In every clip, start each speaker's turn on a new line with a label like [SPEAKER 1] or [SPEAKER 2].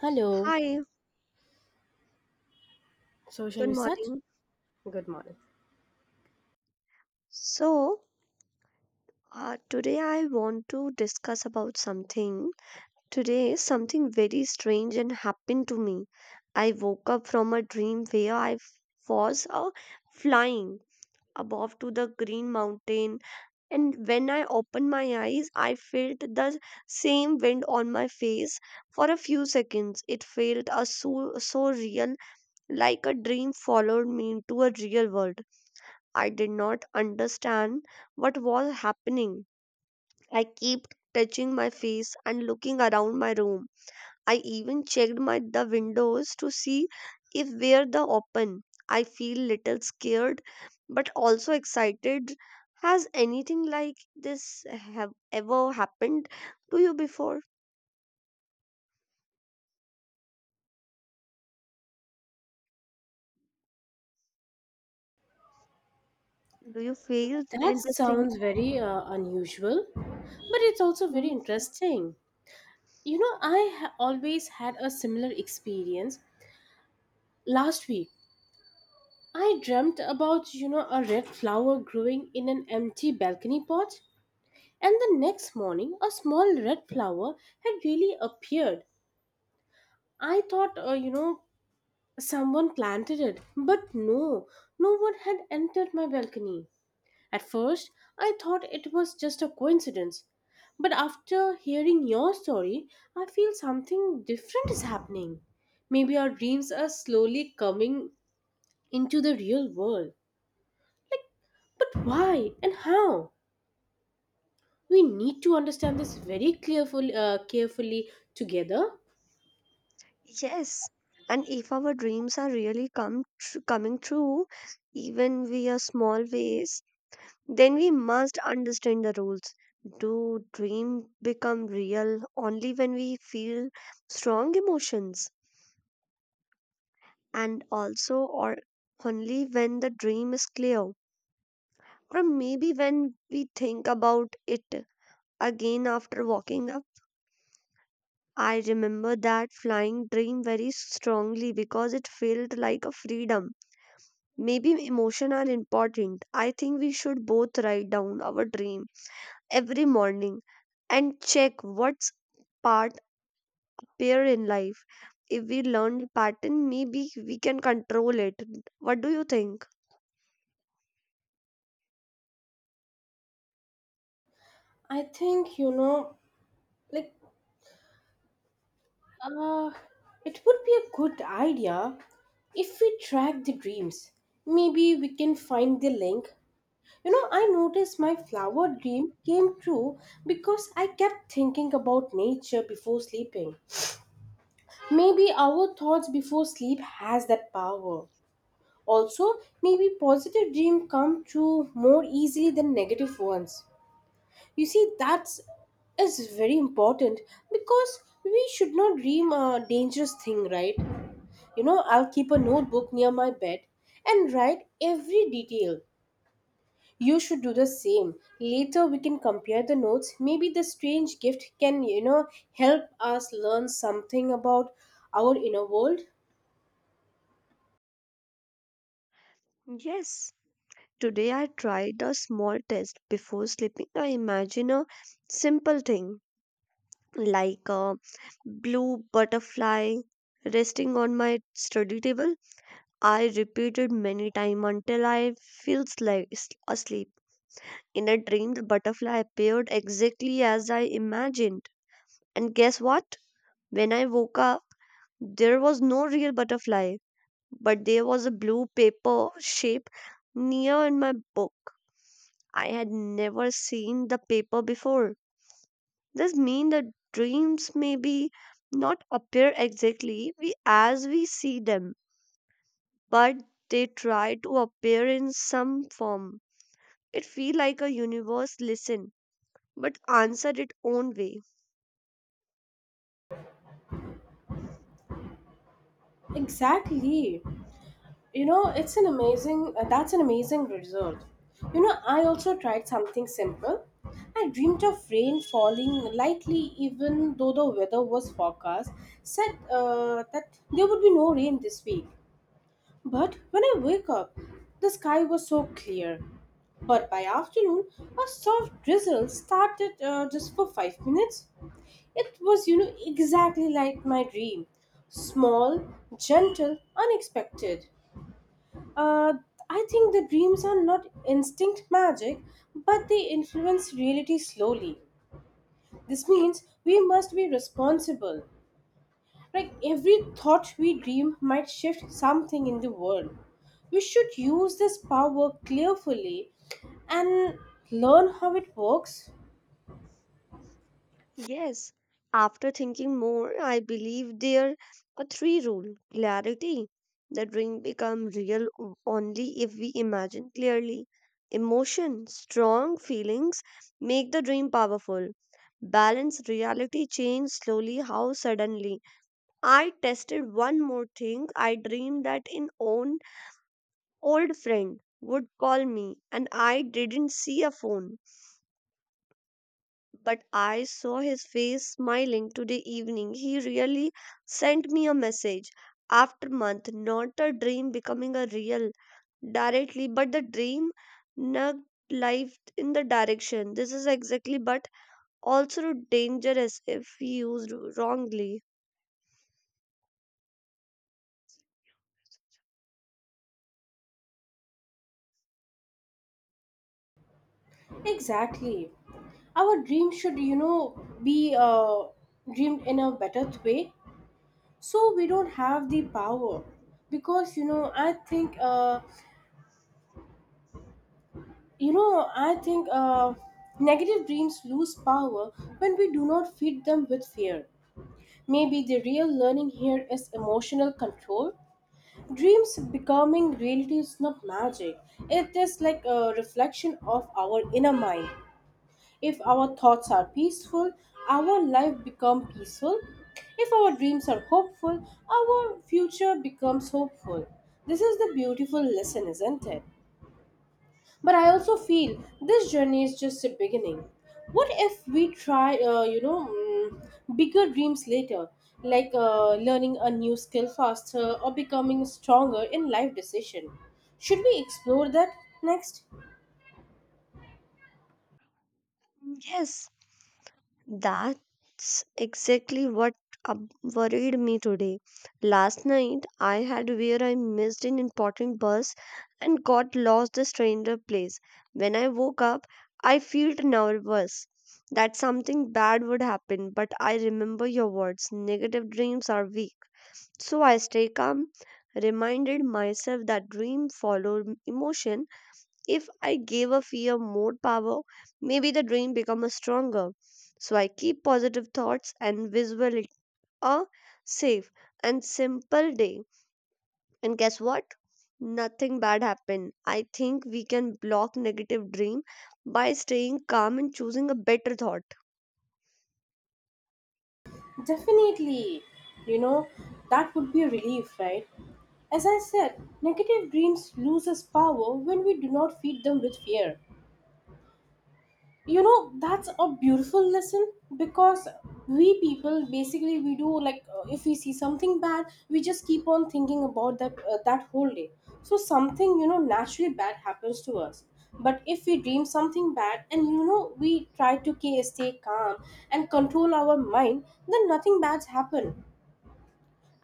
[SPEAKER 1] Hello.
[SPEAKER 2] Hi,
[SPEAKER 1] So, shall
[SPEAKER 2] good
[SPEAKER 1] we start?
[SPEAKER 2] morning.
[SPEAKER 1] Good morning.
[SPEAKER 2] So, Today I want to discuss about something. Today, something very strange and happened to me. I woke up from a dream where I was flying above to the green mountain, and when I opened my eyes, I felt the same wind on my face for a few seconds. It felt so so real, like a dream followed me into a real world. I did not understand what was happening. I kept touching my face and looking around my room. I even checked my the windows to see if were the open. I feel little scared but also excited. Has anything like this have ever happened to you before? Do you feel
[SPEAKER 1] That
[SPEAKER 2] in this thing?
[SPEAKER 1] sounds very unusual, but it's also very
[SPEAKER 2] Hmm?
[SPEAKER 1] interesting. You know, I always had a similar experience. Last week, I dreamt about, a red flower growing in an empty balcony pot, and the next morning, a small red flower had really appeared. I thought, someone planted it, but no, no one had entered my balcony. At first, I thought it was just a coincidence, but after hearing your story, I feel something different is happening. Maybe our dreams are slowly coming into the real world. Like, but why and how? We need to understand this very carefully together.
[SPEAKER 2] Yes. And if our dreams are really coming true, even via small ways, then we must understand the rules. Do dreams become real only when we feel strong emotions? And also, or only when the dream is clear? Or maybe when we think about it again after waking up? I remember that flying dream very strongly because it felt like a freedom. Maybe emotions are important. I think we should both write down our dream every morning and check what's part appear in life. If we learn the pattern, maybe we can control it. What do you think?
[SPEAKER 1] I think like, uh, it would be a good idea if we track the dreams. Maybe we can find the link. I noticed my flower dream came true because I kept thinking about nature before sleeping. Maybe our thoughts before sleep has that power. Also, maybe positive dreams come true more easily than negative ones. You see, that's is very important because we should not dream a dangerous thing, right? I'll keep a notebook near my bed and write every detail. You should do the same. Later we can compare the notes. Maybe the strange gift can, help us learn something about our inner world.
[SPEAKER 2] Yes. Today I tried a small test before sleeping. I imagine a simple thing like a blue butterfly resting on my study table. I repeated many times until I feels like asleep. In a dream, the butterfly appeared exactly as I imagined. And guess what? When I woke up, there was no real butterfly, but there was a blue paper shape near in my book. I had never seen the paper before. This means that dreams maybe not appear exactly we as we see them, but they try to appear in some form. It feel like a universe listen, but answer it own way.
[SPEAKER 1] Exactly. You know, it's an amazing that's an amazing result. I also tried something simple. I dreamed of rain falling lightly even though the weather was forecast, said that there would be no rain this week. But when I wake up, the sky was so clear. But by afternoon, a soft drizzle started just for 5 minutes. It was, exactly like my dream. Small, gentle, unexpected. Uh, I think the dreams are not instinct magic, but they influence reality slowly. This means we must be responsible. Like every thought we dream might shift something in the world. We should use this power carefully and learn how it works.
[SPEAKER 2] Yes, after thinking more, I believe there are three rule clarity. The dream become real only if we imagine clearly. Emotion, strong feelings make the dream powerful. Balance, reality change slowly. How suddenly? I tested one more thing. I dreamed that an own old friend would call me, and I didn't see a phone, but I saw his face smiling today evening. He really sent me a message after month, not a dream becoming a real directly, but the dream nugged life in the direction. This is exactly, but also dangerous if used wrongly.
[SPEAKER 1] Exactly. Our dream should, be dreamed in a better way. So we don't have the power because you know I think you know I think negative dreams lose power when we do not feed them with fear. Maybe the real learning here is emotional control. Dreams becoming reality is not magic. It is like a reflection of our inner mind. If our thoughts are peaceful, our life becomes peaceful. If our dreams are hopeful, our future becomes hopeful. This is the beautiful lesson, isn't it? But I also feel this journey is just a beginning. What if we try, bigger dreams later, like learning a new skill faster or becoming stronger in life decision? Should we explore that next?
[SPEAKER 2] Yes, that's exactly what worried me today. Last night I had where I missed an important bus and got lost a stranger place. When I woke up, I felt nervous that something bad would happen, but I remember your words negative dreams are weak. So I stay calm, reminded myself that dream follow emotion if I gave a fear more power, maybe the dream becomes stronger. So I keep positive thoughts and visualize a safe and simple day. And guess what? Nothing bad happened. I think we can block negative dream by staying calm and choosing a better thought.
[SPEAKER 1] Definitely, you know, that would be a relief, right? As I said, negative dreams lose us power when we do not feed them with fear. That's a beautiful lesson because we people basically we do like if we see something bad we just keep on thinking about that whole day. So something naturally bad happens to us. But if we dream something bad and we try to stay calm and control our mind, then nothing bad's happen.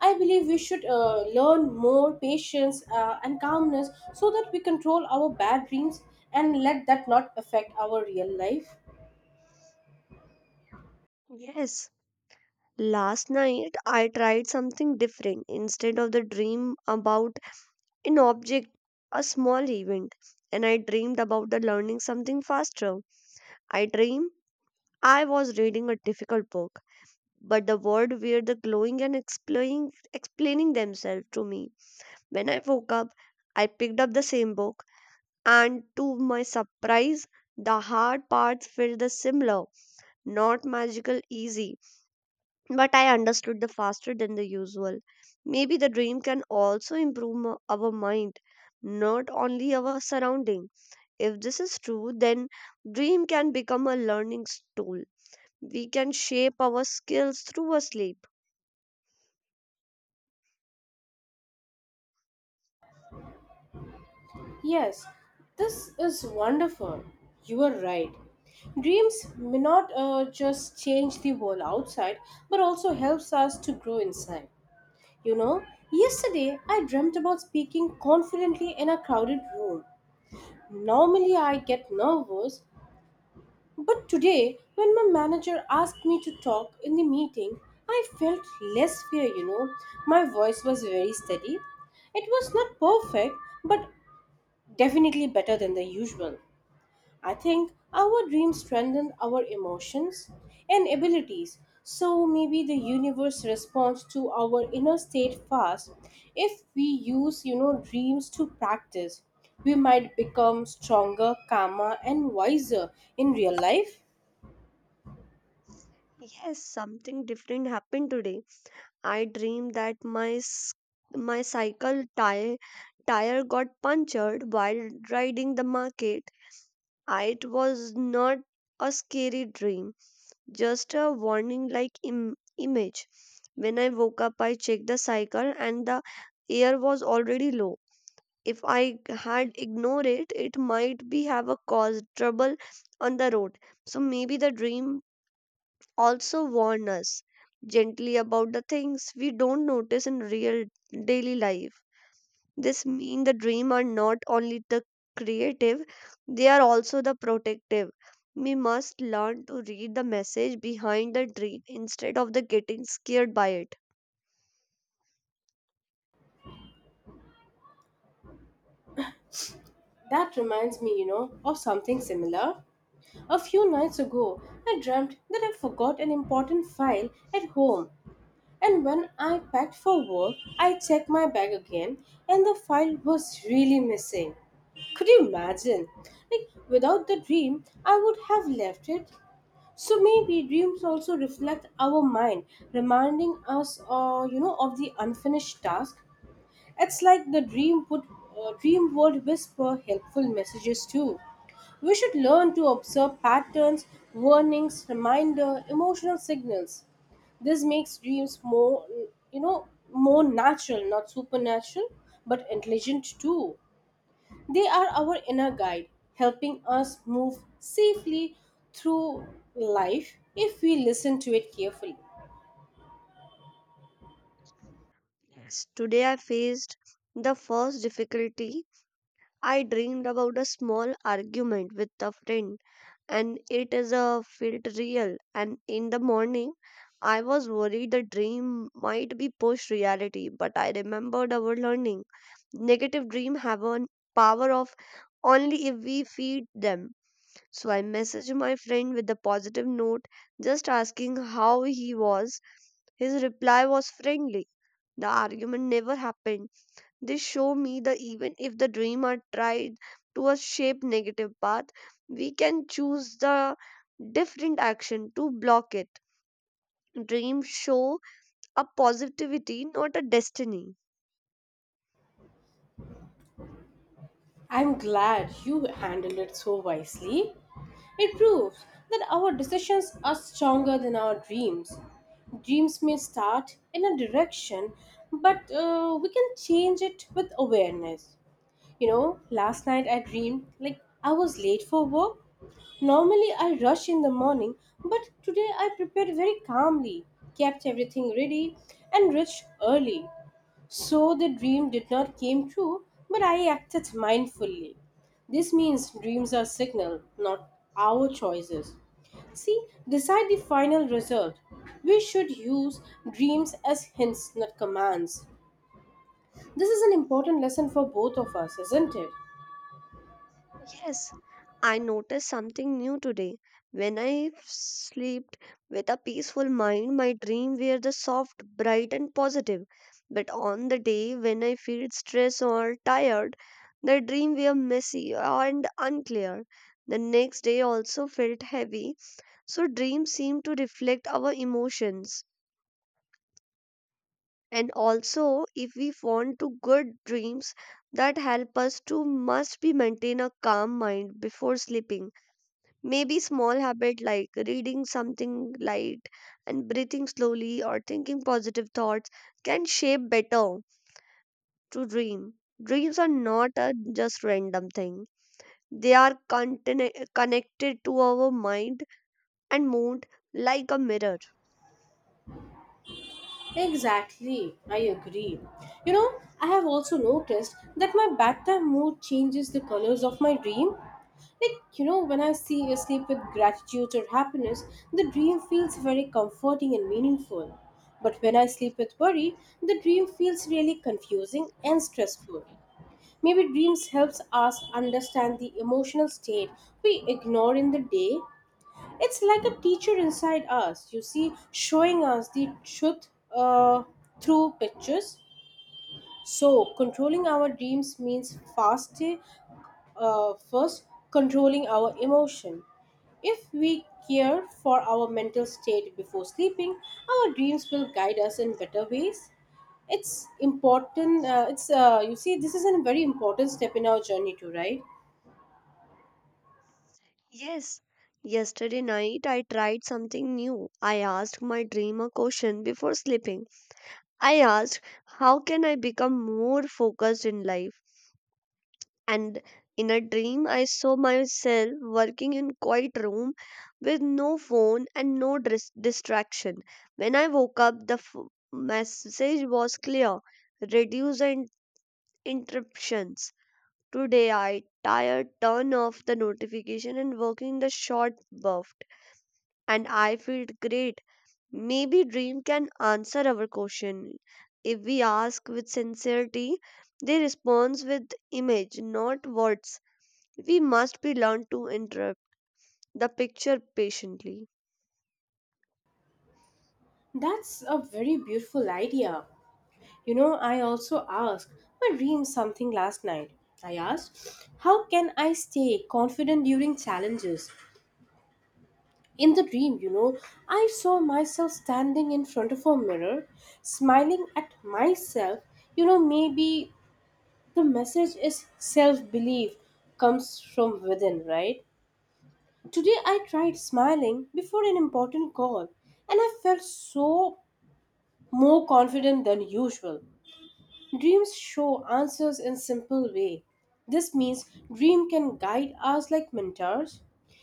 [SPEAKER 1] I believe we should learn more patience and calmness so that we control our bad dreams and let that not affect our real life.
[SPEAKER 2] Yes. Last night I tried something different. Instead of the dream about an object, a small event, and I dreamed about the learning something faster. I dream I was reading a difficult book, but the words were the glowing and explaining themselves to me. When I woke up, I picked up the same book, and to my surprise, the hard parts felt the similar, not magical easy, but I understood the faster than the usual. Maybe the dream can also improve our mind, not only our surrounding. If this is true, then dream can become a learning tool. We can shape our skills through our sleep.
[SPEAKER 1] Yes, this is wonderful. You are right. Dreams may not just change the world outside, but also helps us to grow inside. You know, yesterday I dreamt about speaking confidently in a crowded room. Normally I get nervous, but today when my manager asked me to talk in the meeting, I felt less fear. My voice was very steady. It was not perfect, but definitely better than the usual. I think our dreams strengthen our emotions and abilities. So maybe the universe responds to our inner state fast. If we use, dreams to practice, we might become stronger, calmer, and wiser in real life.
[SPEAKER 2] Yes, something different happened today. I dreamed that my cycle tire got punctured while riding the market. I, it was not a scary dream, just a warning like image. When I woke up, I checked the cycle and the air was already low. If I had ignored it it might be have a caused trouble on the road. So maybe the dream also warn us gently about the things we don't notice in real daily life. This mean the dream are not only the creative, they are also the protective. We must learn to read the message behind the dream instead of the getting scared by it.
[SPEAKER 1] That reminds me, of something similar. A few nights ago, I dreamt that I forgot an important file at home, and when I packed for work, I checked my bag again and the file was really missing. Could you imagine? Like, without the dream, I would have left it. So maybe dreams also reflect our mind, reminding us, of the unfinished task. It's like the dream would whisper helpful messages too. We should learn to observe patterns, warnings, reminder, emotional signals. This makes dreams more natural, not supernatural, but intelligent too. They are our inner guide, helping us move safely through life if we listen to it carefully.
[SPEAKER 2] Yes, today I faced the first difficulty. I dreamed about a small argument with a friend, and it is a felt real. And in the morning, I was worried the dream might be post reality, but I remembered our learning. Negative dream have a power of only if we feed them. So I messaged my friend with a positive note, just asking how he was. His reply was friendly. The argument never happened. They show me that even if the dream are tried to a shape negative path, we can choose the different action to block it. Dreams show a positivity, not a destiny.
[SPEAKER 1] I'm glad you handled it so wisely. It proves that our decisions are stronger than our dreams. Dreams may start in a direction, but we can change it with awareness. You know, last night I dreamed like I was late for work. Normally I rush in the morning, but today I prepared very calmly, kept everything ready, and reached early. So the dream did not came true, but I acted mindfully. This means dreams are signal, not our choices. See, decide the final result. We should use dreams as hints, not commands. This is an important lesson for both of us, isn't it?
[SPEAKER 2] Yes, I noticed something new today. When I slept with a peaceful mind, my dreams were the soft, bright, and positive. But on the day when I feel stressed or tired, the dream were messy and unclear. The next day also felt heavy. So dreams seem to reflect our emotions. And also, if we want to good dreams that help us to must be maintain a calm mind before sleeping. Maybe small habit like reading something light and breathing slowly or thinking positive thoughts can shape better to dream. Dreams are not a just random thing. They are connected to our mind and mood like a mirror.
[SPEAKER 1] Exactly, I agree. I have also noticed that my bedtime mood changes the colors of my dream. Like, when I see you sleep with gratitude or happiness, the dream feels very comforting and meaningful. But when I sleep with worry, the dream feels really confusing and stressful. Maybe dreams helps us understand the emotional state we ignore in the day. It's like a teacher inside us, you see, showing us the truth uh, through pictures. So, controlling our dreams means faster first controlling our emotion. If we care for our mental state before sleeping, our dreams will guide us in better ways. It's important it's you see, this is a very important step in our journey too, right?
[SPEAKER 2] Yes, yesterday night I tried something new. I asked my dream a question before sleeping. I asked, how can I become more focused in life? And in a dream, I saw myself working in quiet room with no phone and no distraction. When I woke up, the message was clear: reduce and interruptions. Today, I tired, turn off the notification and working the short buff, and I feel great. Maybe dream can answer our question if we ask with sincerity. They respond with image, not words. We must be learned to interrupt the picture patiently.
[SPEAKER 1] That's a very beautiful idea. I also asked my dream something last night. I asked, how can I stay confident during challenges? In the dream, I saw myself standing in front of a mirror, smiling at myself. Maybe the message is self belief comes from within, right? Today, I tried smiling before an important call and I felt so more confident than usual. Dreams show answers in simple way. This means dream can guide us like mentors.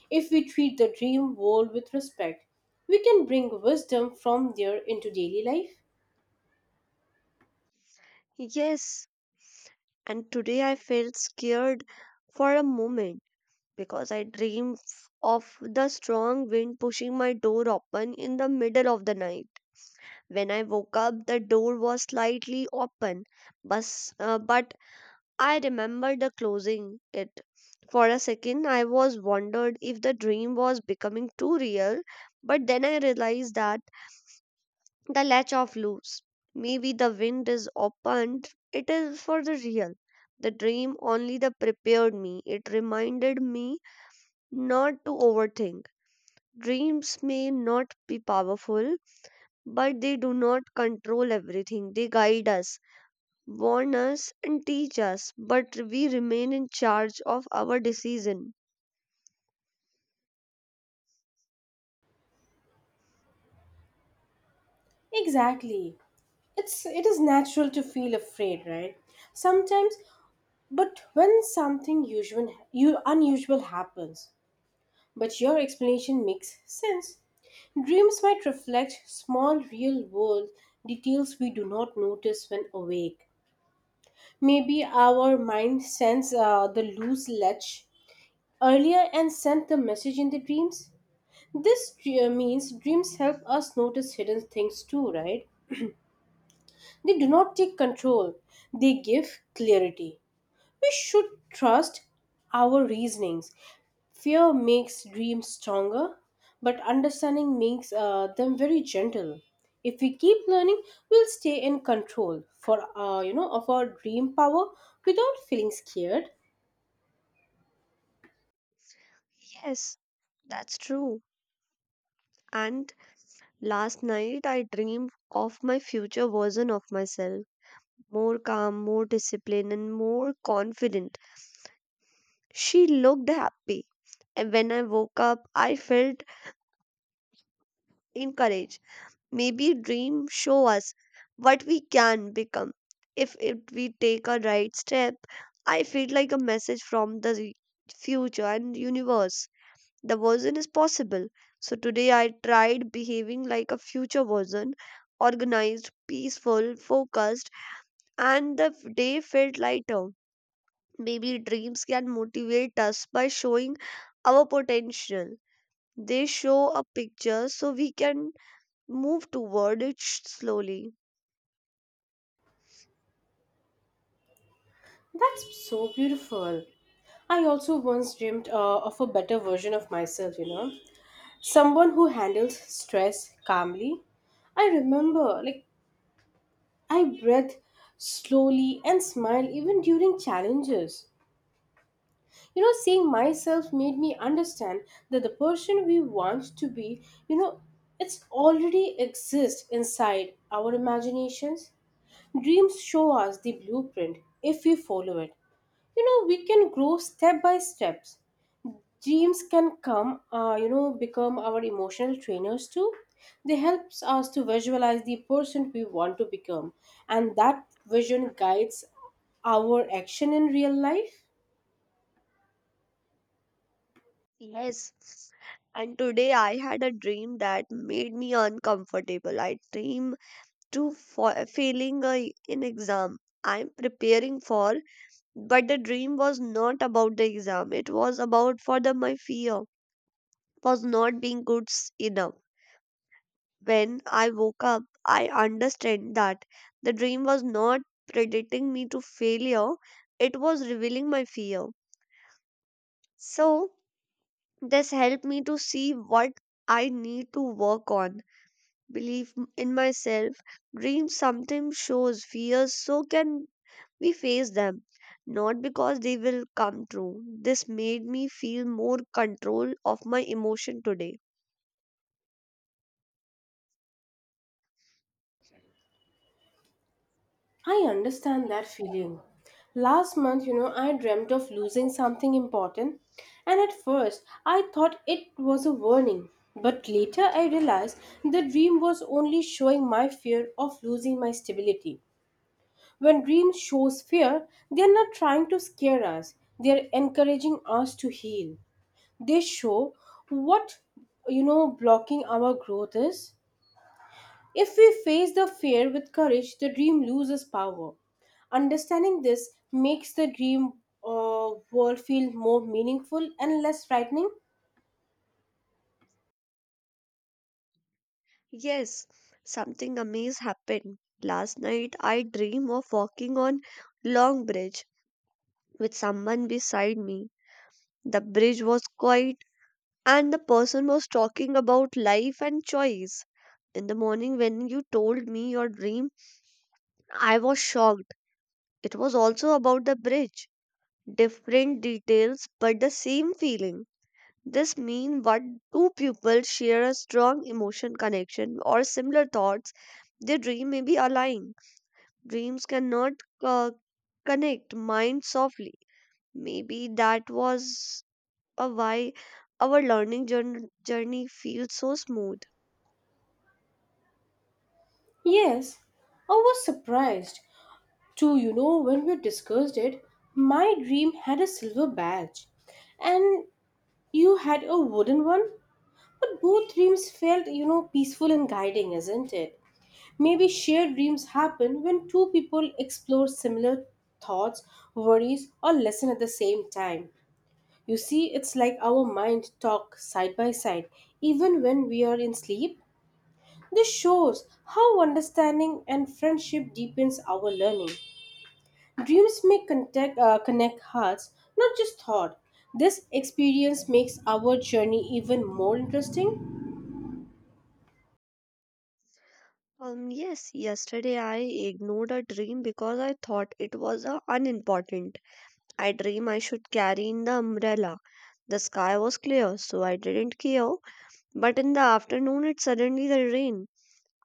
[SPEAKER 1] If we treat the dream world with respect, we can bring wisdom from there into daily life.
[SPEAKER 2] Yes, and today I felt scared for a moment because I dreamed of the strong wind pushing my door open in the middle of the night. When I woke up, the door was slightly open, but, but I remembered the closing it. For a second, I was wondered if the dream was becoming too real, but then I realized that the latch of loose. Maybe the wind is opened. It is for the real. The dream only the prepared me. It reminded me not to overthink. Dreams may not be powerful, but they do not control everything. They guide us, warn us, and teach us, but we remain in charge of our decision.
[SPEAKER 1] Exactly. It is natural to feel afraid, right? Sometimes, but when something usual you unusual happens, but your explanation makes sense. Dreams might reflect small real world details we do not notice when awake. Maybe our mind sends the loose ledge earlier and sent the message in the dreams. This means dreams help us notice hidden things too, right? They do not take control, they give clarity. We should trust our reasonings. Fear makes dreams stronger, but understanding makes them very gentle. If we keep learning, we'll stay in control for of our dream power without feeling scared.
[SPEAKER 2] Yes, that's true. And last night I dreamed of my future version of myself, more calm, more disciplined, and more confident. She looked happy. And when I woke up, I felt encouraged. Maybe dreams show us what we can become if we take a right step. I feel like a message from the future and universe. The version is possible. So today I tried behaving like a future version, organized, peaceful, focused, and the day felt lighter. Maybe dreams can motivate us by showing our potential. They show a picture so we can move toward it slowly.
[SPEAKER 1] That's so beautiful. I also once dreamed of a better version of myself, someone who handles stress calmly. I remember, like, I breathe slowly and smile even during challenges. Seeing myself made me understand that the person we want to be, it's already exists inside our imaginations. Dreams show us the blueprint if we follow it. We can grow step by steps. Dreams can become our emotional trainers too. They helps us to visualize the person we want to become, and that vision guides our action in real life.
[SPEAKER 2] Yes. And today I had a dream that made me uncomfortable. I dream to failing a, an exam. I'm preparing for, but the dream was not about the exam. It was about for the my fear was not being good enough. When I woke up, I understand that the dream was not predicting me to failure, it was revealing my fear. So, this helped me to see what I need to work on, believe in myself. Dreams sometimes shows fears, so can we face them, not because they will come true. This made me feel more control of my emotion today.
[SPEAKER 1] I understand that feeling. Last month, I dreamt of losing something important, and at first I thought it was a warning. But later I realized the dream was only showing my fear of losing my stability. When dreams shows fear, they are not trying to scare us. They are encouraging us to heal. They show what blocking our growth is. If we face the fear with courage, the dream loses power. Understanding this makes the dream world feel more meaningful and less frightening.
[SPEAKER 2] Yes, something amazing happened. Last night I dream of walking on long bridge with someone beside me. The bridge was quiet and the person was talking about life and choice. In the morning when you told me your dream, I was shocked. It was also about the bridge. Different details but the same feeling. This means what two people share a strong emotion connection or similar thoughts, their dream may be aligned. Dreams cannot uh, connect minds softly. Maybe that was a why our learning journey feels so smooth.
[SPEAKER 1] Yes, I was surprised to when we discussed it, my dream had a silver badge. And you had a wooden one, but both dreams felt, peaceful and guiding, isn't it? Maybe shared dreams happen when two people explore similar thoughts, worries, or lesson at the same time. You see, it's like our mind talk side by side, even when we are in sleep. This shows how understanding and friendship deepens our learning. Dreams may connect hearts, not just thought. This experience makes our journey even more interesting.
[SPEAKER 2] Yes, yesterday I ignored a dream because I thought it was unimportant. I dream I should carry in the umbrella. The sky was clear, so I didn't care. But in the afternoon, it suddenly the rain.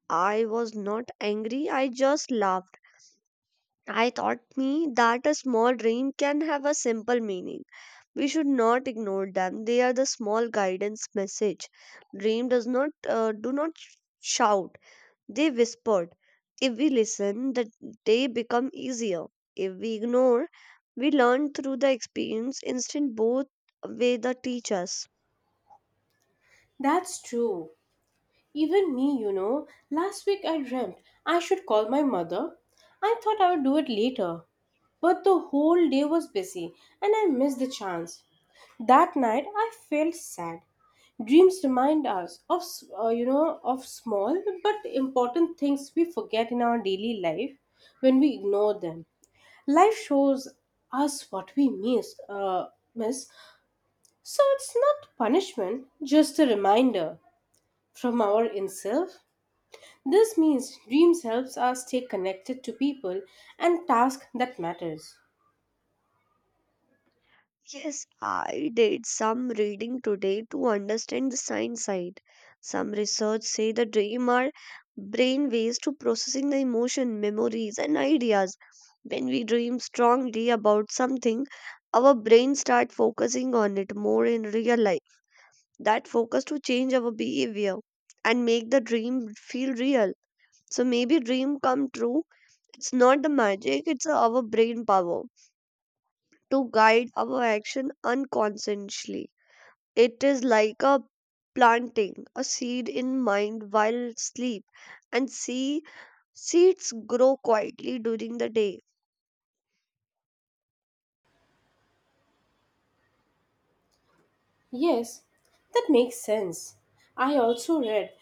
[SPEAKER 2] I was not angry, I just laughed. I thought me that a small dream can have a simple meaning. We should not ignore them. They are the small guidance message. Dream does not do not shout, they whispered. If we listen, the day become easier. If we ignore, we learn through the experience. Instant both way the teach us.
[SPEAKER 1] That's true. Even me, last week I dreamt I should call my mother. I thought I would do it later. But the whole day was busy and I missed the chance. That night I felt sad. Dreams remind us of of small but important things we forget in our daily life when we ignore them. Life shows us what we miss. So it's not punishment, just a reminder from our in self. This means dreams helps us stay connected to people and task that matters.
[SPEAKER 2] Yes, I did some reading today to understand the science side. Some research say the dream are brain ways to processing the emotion, memories, and ideas. When we dream strongly about something, our brain start focusing on it more in real life. That focus to change our behavior and make the dream feel real. So maybe dream come true. It's not the magic, it's our brain power to guide our action unconsciously. It is like a planting a seed in mind while sleep, and see seeds grow quietly during the day.
[SPEAKER 1] Yes, that makes sense. I also read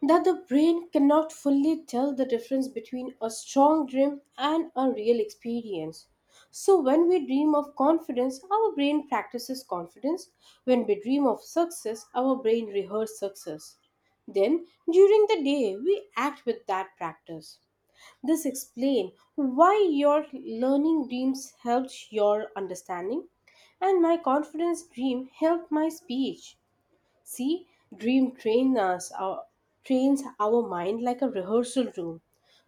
[SPEAKER 1] that the brain cannot fully tell the difference between a strong dream and a real experience. So, when we dream of confidence, our brain practices confidence. When we dream of success, our brain rehearses success. Then, during the day, we act with that practice. This explains why your learning dreams helped your understanding and my confidence dream helped my speech. See, dream trains our mind like a rehearsal room.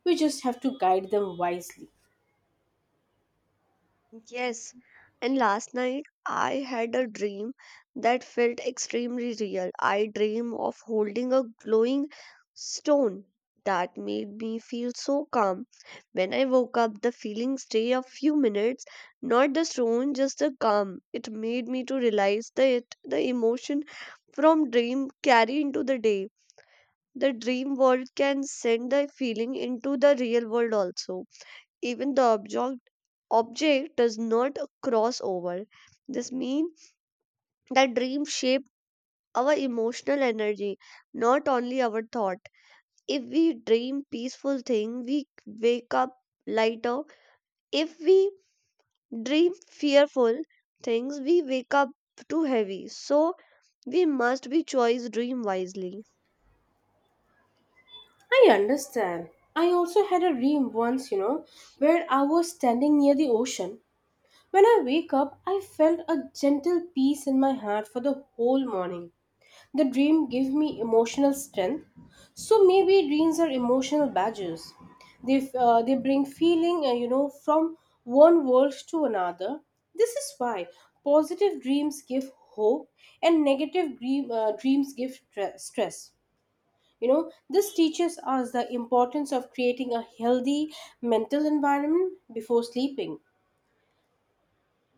[SPEAKER 1] We just have to guide them wisely.
[SPEAKER 2] Yes, and last night I had a dream that felt extremely real. I dream of holding a glowing stone that made me feel so calm. When I woke up, the feeling stayed a few minutes, not the stone, just the calm. It made me to realize that the emotion from dream carry into the day. The dream world can send the feeling into the real world also. Even the object does not cross over. This means that dreams shape our emotional energy, not only our thought. If we dream peaceful thing, we wake up lighter. If we dream fearful things, we wake up too heavy. So we must be choice dream wisely.
[SPEAKER 1] I understand. I also had a dream once, where I was standing near the ocean. When I wake up, I felt a gentle peace in my heart for the whole morning. The dream give me emotional strength. So maybe dreams are emotional badges. They bring feeling, from one world to another. This is why positive dreams give hope and negative dreams give stress. This teaches us the importance of creating a healthy mental environment before sleeping.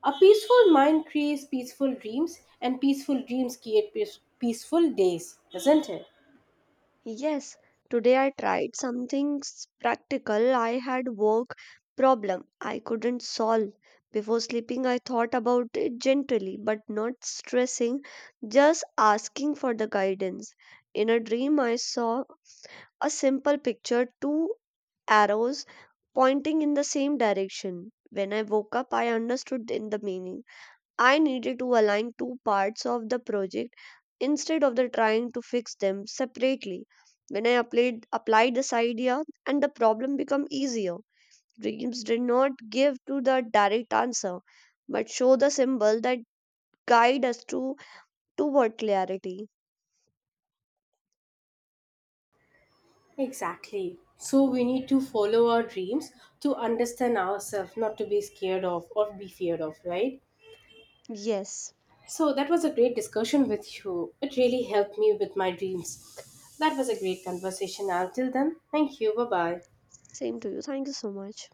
[SPEAKER 1] A peaceful mind creates peaceful dreams, and peaceful dreams create peaceful days, isn't it?
[SPEAKER 2] Yes, today I tried something practical. I had work problem I couldn't solve. Before sleeping I thought about it gently but not stressing, just asking for the guidance. In a dream I saw a simple picture, two arrows pointing in the same direction. When I woke up I understood in the meaning. I needed to align two parts of the project instead of the trying to fix them separately. When I applied this idea and the problem became easier. Dreams did not give to the direct answer, but show the symbol that guide us to toward clarity.
[SPEAKER 1] Exactly. So we need to follow our dreams to understand ourselves, not to be scared of or be feared of, right?
[SPEAKER 2] Yes.
[SPEAKER 1] So that was a great discussion with you. It really helped me with my dreams. That was a great conversation. Until then, thank you. Bye bye.
[SPEAKER 2] Same to you. Thank you so much.